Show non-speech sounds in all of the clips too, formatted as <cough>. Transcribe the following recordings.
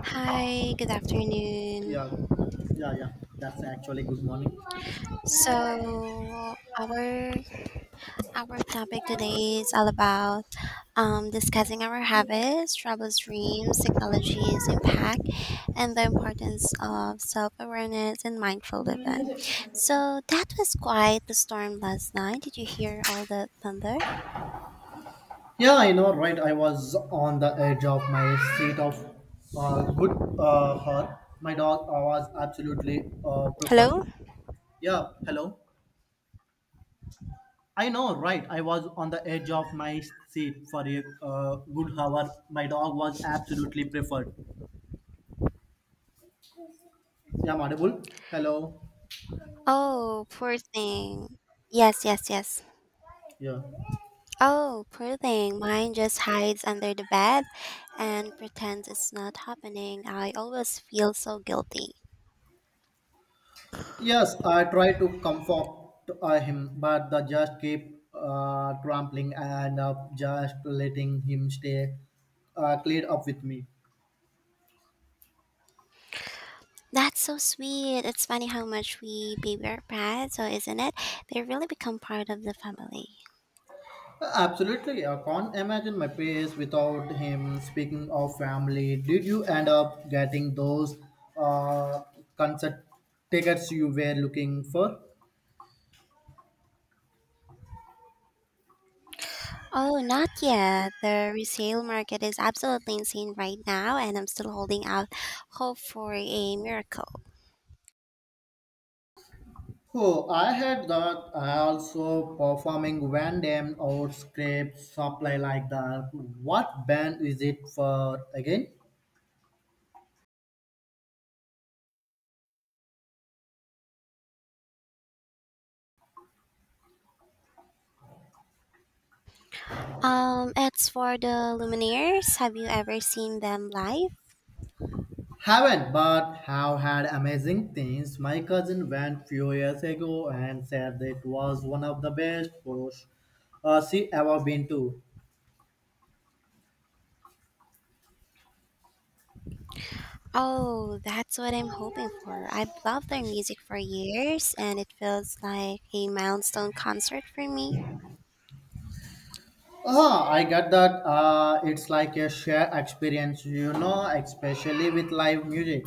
Hi, good afternoon. Yeah, yeah, yeah. That's actually good morning. So our topic today is all about discussing our habits, troubles, dreams, technology's impact, and the importance of self awareness and mindful living. So that was quite the storm last night. Did you hear all the thunder? Yeah, I know, right. I was on the edge of my seat of good her. My dog was absolutely preferred. Hello. Yeah, hello. I know, right. I was on the edge of my seat for a good hour. My dog was absolutely preferred. Yeah, I'm audible. Hello. Oh, poor thing. Yes, yes, yes. Yeah. Oh, poor thing. Mine just hides under the bed and pretends it's not happening. I always feel so guilty. Yes, I tried to comfort him, but the judge kept trampling and just letting him stay cleared up with me. That's so sweet. It's funny how much we baby our pets, so isn't it? They really become part of the family. Absolutely, I can't imagine my place without him. Speaking of family, did you end up getting those uh, concert tickets you were looking for? Oh, not yet. The resale market is absolutely insane right now, and I'm still holding out hope for a miracle. Oh, I had that. I also performing Van Damme or scrape supply like that. What band is it for again? It's for the Lumineers. Have you ever seen them live? Haven't, but have had amazing things. My cousin went few years ago and said that it was one of the best shows she ever been to. Oh, that's what I'm hoping for. I've loved their music for years, and it feels like a milestone concert for me. Ah, I get that. It's like a shared experience, you know, especially with live music.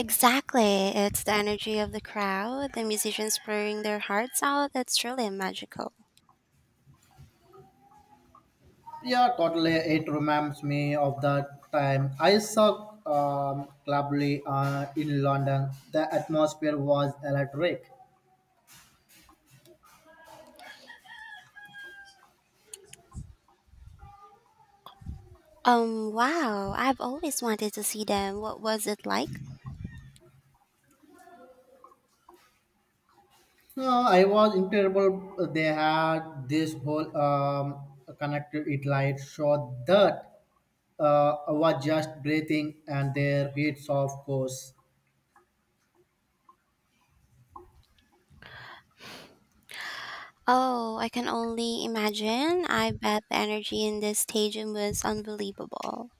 Exactly. It's the energy of the crowd, the musicians pouring their hearts out. It's truly magical. Yeah, totally. It reminds me of the time I saw Clubly in London. The atmosphere was electric. Wow. I've always wanted to see them. What was it like? I was incredible. They had this whole connected it light show that was just breathing and their hits, of course. Oh, I can only imagine. I bet the energy in this stadium was unbelievable.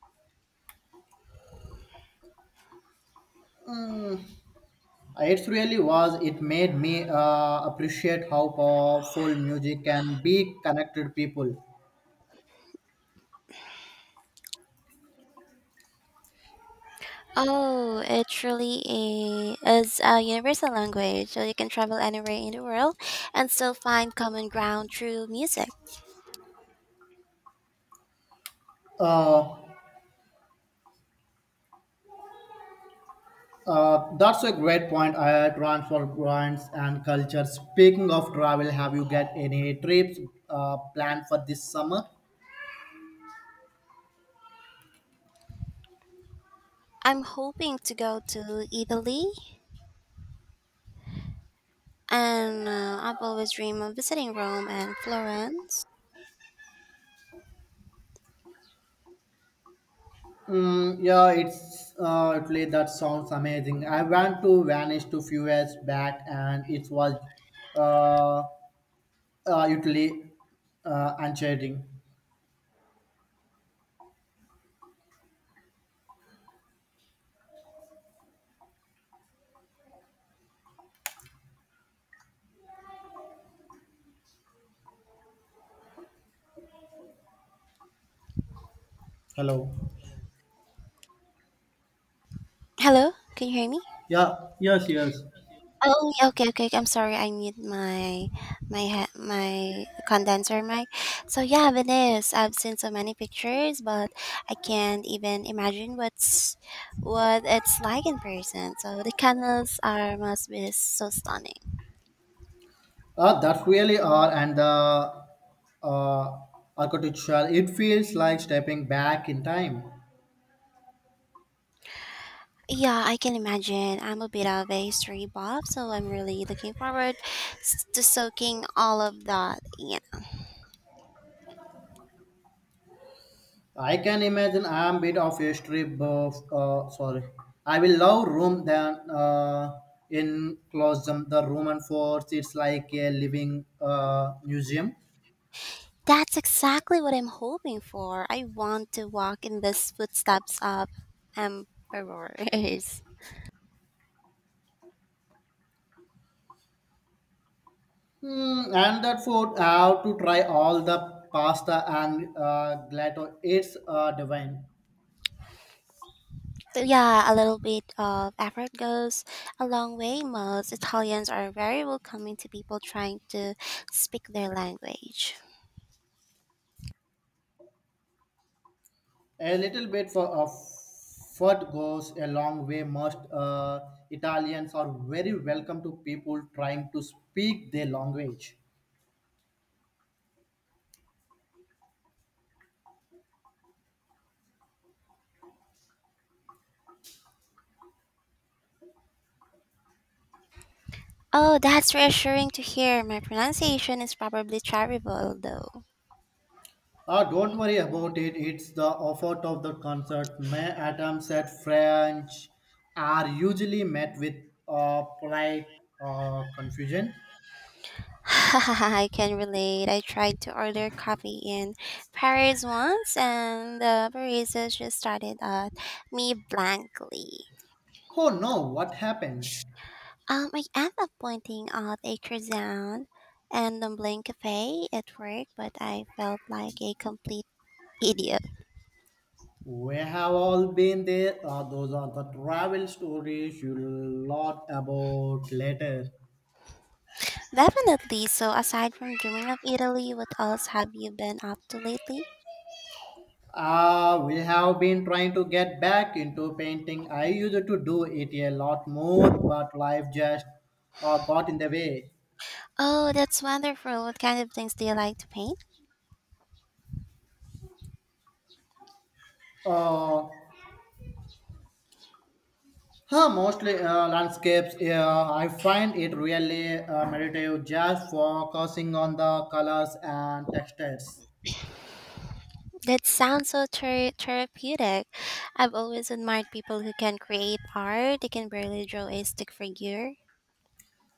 It really was. It made me appreciate how powerful music can be connected people. Oh, it really is a universal language, so you can travel anywhere in the world and still find common ground through music. Uh, that's a great point. I transfer brands and culture. Speaking of travel, have you got any trips planned for this summer? I'm hoping to go to Italy, and I've always dreamed of visiting Rome and Florence. Mm, yeah, it's Italy. That sounds amazing. I went to Venice to few years back, and it was uh, Italy enchanting. Hello. Hello, can you hear me? Yeah, yes, yes. Oh, yeah, okay, okay. I'm sorry. I mute my condenser mic. So yeah, it is. I've seen so many pictures, but I can't even imagine what it's like in person. So the candles are must be so stunning. That really are and the uh, architecture. It feels like stepping back in time. Yeah, I can imagine. I'm a bit of a history buff, so I'm really looking forward to soaking all of that. I can imagine I am bit of a strip buff. Sorry, I will love Rome than in Colosseum. The Roman fort it's like a living museum. That's exactly what I'm hoping for. I want to walk in the footsteps of emperors. Hmm, and that food, I have to try all the pasta and gelato. It's divine. So yeah, a little bit of effort goes a long way. Most Italians are very welcoming to people trying to speak their language. A little bit for of food goes a long way. Most Italians are very welcome to people trying to speak their language. Oh, that's reassuring to hear. My pronunciation is probably terrible, though. Ah, don't worry about it. It's the offer of the concert. My attempts at French are usually met with polite confusion. <laughs> I can relate. I tried to order coffee in Paris once, and the barista just started at me blankly. Oh no, what happened? I ended up pointing out a croissant and Dumpling Cafe at work, but I felt like a complete idiot. We have all been there. Those are the travel stories you'll lot about later. Definitely. So, aside from dreaming of Italy, what else have you been up to lately? We have been trying to get back into painting. I used to do it a lot more, but life just got in the way. Oh, that's wonderful. What kind of things do you like to paint? Uh, Mostly landscapes. Yeah, I find it really meditative, just focusing on the colors and textures. That sounds so therapeutic. I've always admired people who can create art. They can barely draw a stick figure.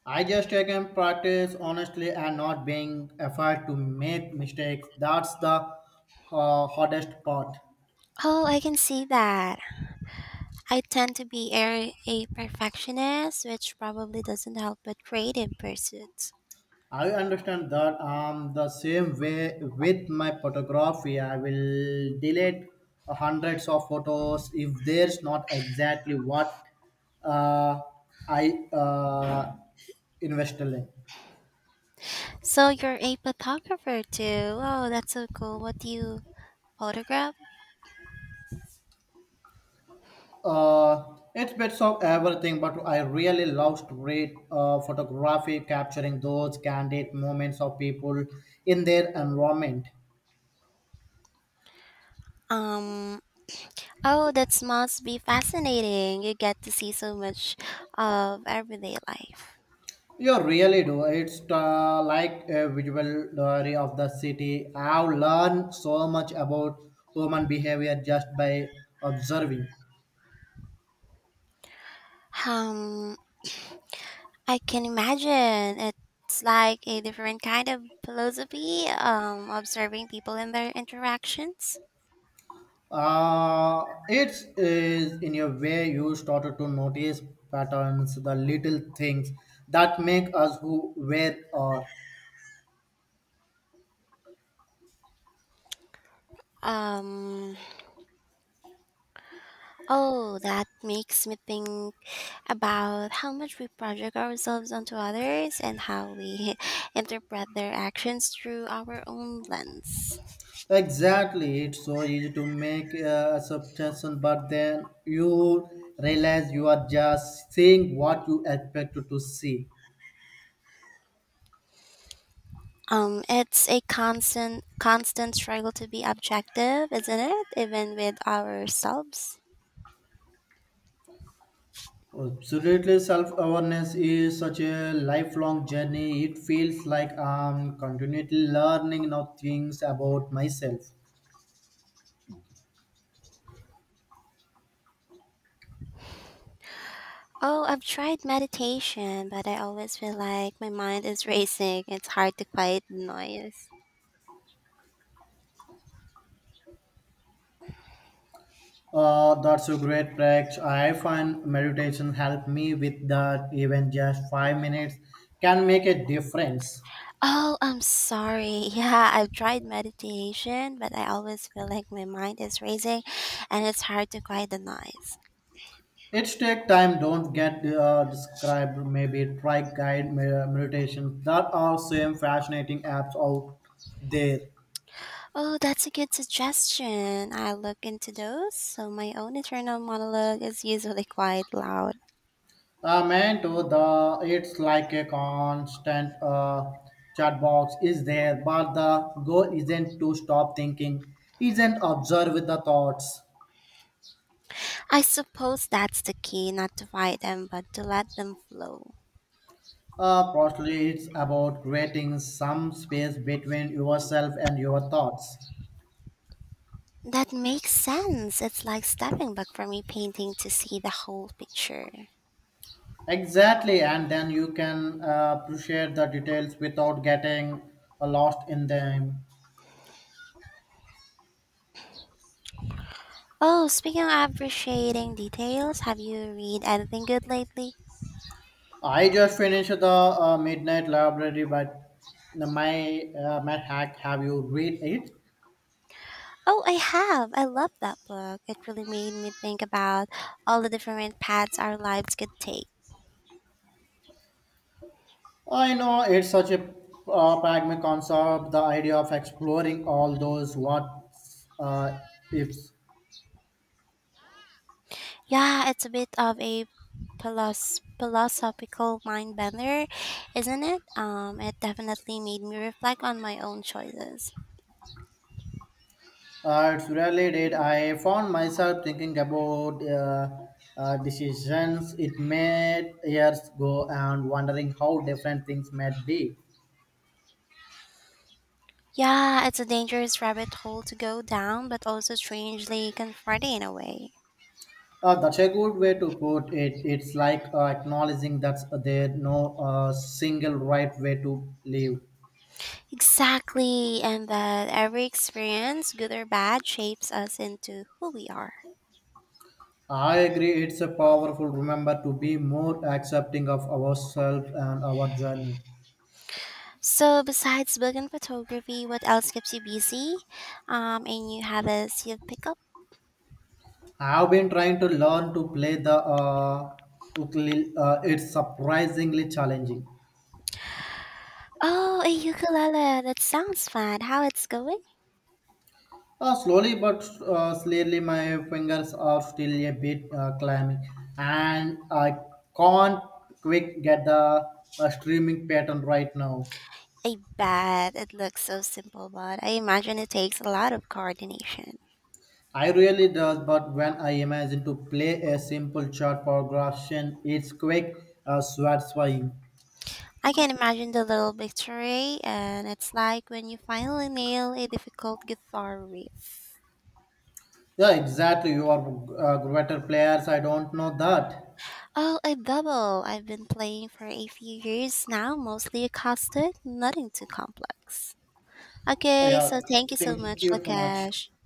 I just take and practice honestly and not being afraid to make mistakes. That's the hardest part. Oh, I can see that. I tend to be a perfectionist, which probably doesn't help with creative pursuits. I understand that the same way with my photography. I will delete hundreds of photos if there's not exactly what uh, I invested in. So you're a photographer too. Oh, that's so cool. What do you photograph? Uh, it's bits of everything, but I really love to read photography, capturing those candid moments of people in their environment. Um. Oh, that must be fascinating. You get to see so much of everyday life. You really do. It's like a visual diary of the city. I've learned so much about human behavior just by observing. Um. I can imagine. It's like a different kind of philosophy, observing people and their interactions. It is in a way you started to notice patterns, the little things that make us who we are. Um, oh, that makes me think about how much we project ourselves onto others and how we <laughs> interpret their actions through our own lens. Exactly, it's so easy to make a subtraction, but then you realize you are just seeing what you expected to see. It's a constant struggle to be objective, isn't it? Even with ourselves. Absolutely, self awareness is such a lifelong journey. It feels like I'm continually learning new things about myself. Oh, I've tried meditation, but I always feel like my mind is racing. It's hard to quiet the noise. That's a great practice. I find meditation help me with that. Even just 5 minutes can make a difference. Oh, I'm sorry. <laughs> Yeah, I've tried meditation, but I always feel like my mind is racing and it's hard to quiet the noise. It's take time. Don't get described. Maybe try meditation. That are same fascinating apps out there. Oh, that's a good suggestion. I will look into those, so my own internal monologue is usually quite loud. Man, to the it's like a constant chat box is there, but the goal isn't to stop thinking, isn't observe with the thoughts. I suppose that's the key, not to fight them, but to let them flow. Partially, it's about creating some space between yourself and your thoughts. That makes sense. It's like stepping back from a painting to see the whole picture. Exactly, and then you can appreciate the details without getting lost in them. Oh, speaking of appreciating details, have you read anything good lately? I just finished the Midnight Library, but my Matt Hack, have you read it? Oh, I have. I love that book. It really made me think about all the different paths our lives could take. I know it's such a pragmatic concept, the idea of exploring all those what uh, ifs. Yeah, it's a bit of a philosophical mind bender, isn't it? It definitely made me reflect on my own choices. It's really did. I found myself thinking about decisions it made years ago and wondering how different things might be. Yeah, it's a dangerous rabbit hole to go down, but also strangely comforting in a way. That's a good way to put it. It's like acknowledging that there's no single right way to live. Exactly, and that every experience, good or bad, shapes us into who we are. I agree, it's a powerful remember to be more accepting of ourselves and our journey. So, besides book and photography, what else keeps you busy? And you have a seal pickup? I've been trying to learn to play the ukulele. It's surprisingly challenging. Oh, a ukulele. That sounds fun. How it's going? Slowly but slowly, my fingers are still a bit clammy, and I can't quick get the streaming pattern right now. I bet it looks so simple, but I imagine it takes a lot of coordination. I really does, but when I imagine to play a simple chart progression, it's quick, satisfying. I can imagine the little victory, and it's like when you finally nail a difficult guitar riff. Yeah, exactly. You are greater players. I don't know that. Oh, a double! I've been playing for a few years now, mostly acoustic, nothing too complex. Okay, Yeah, so thank you so thank much, you so much. Lakesh. Thank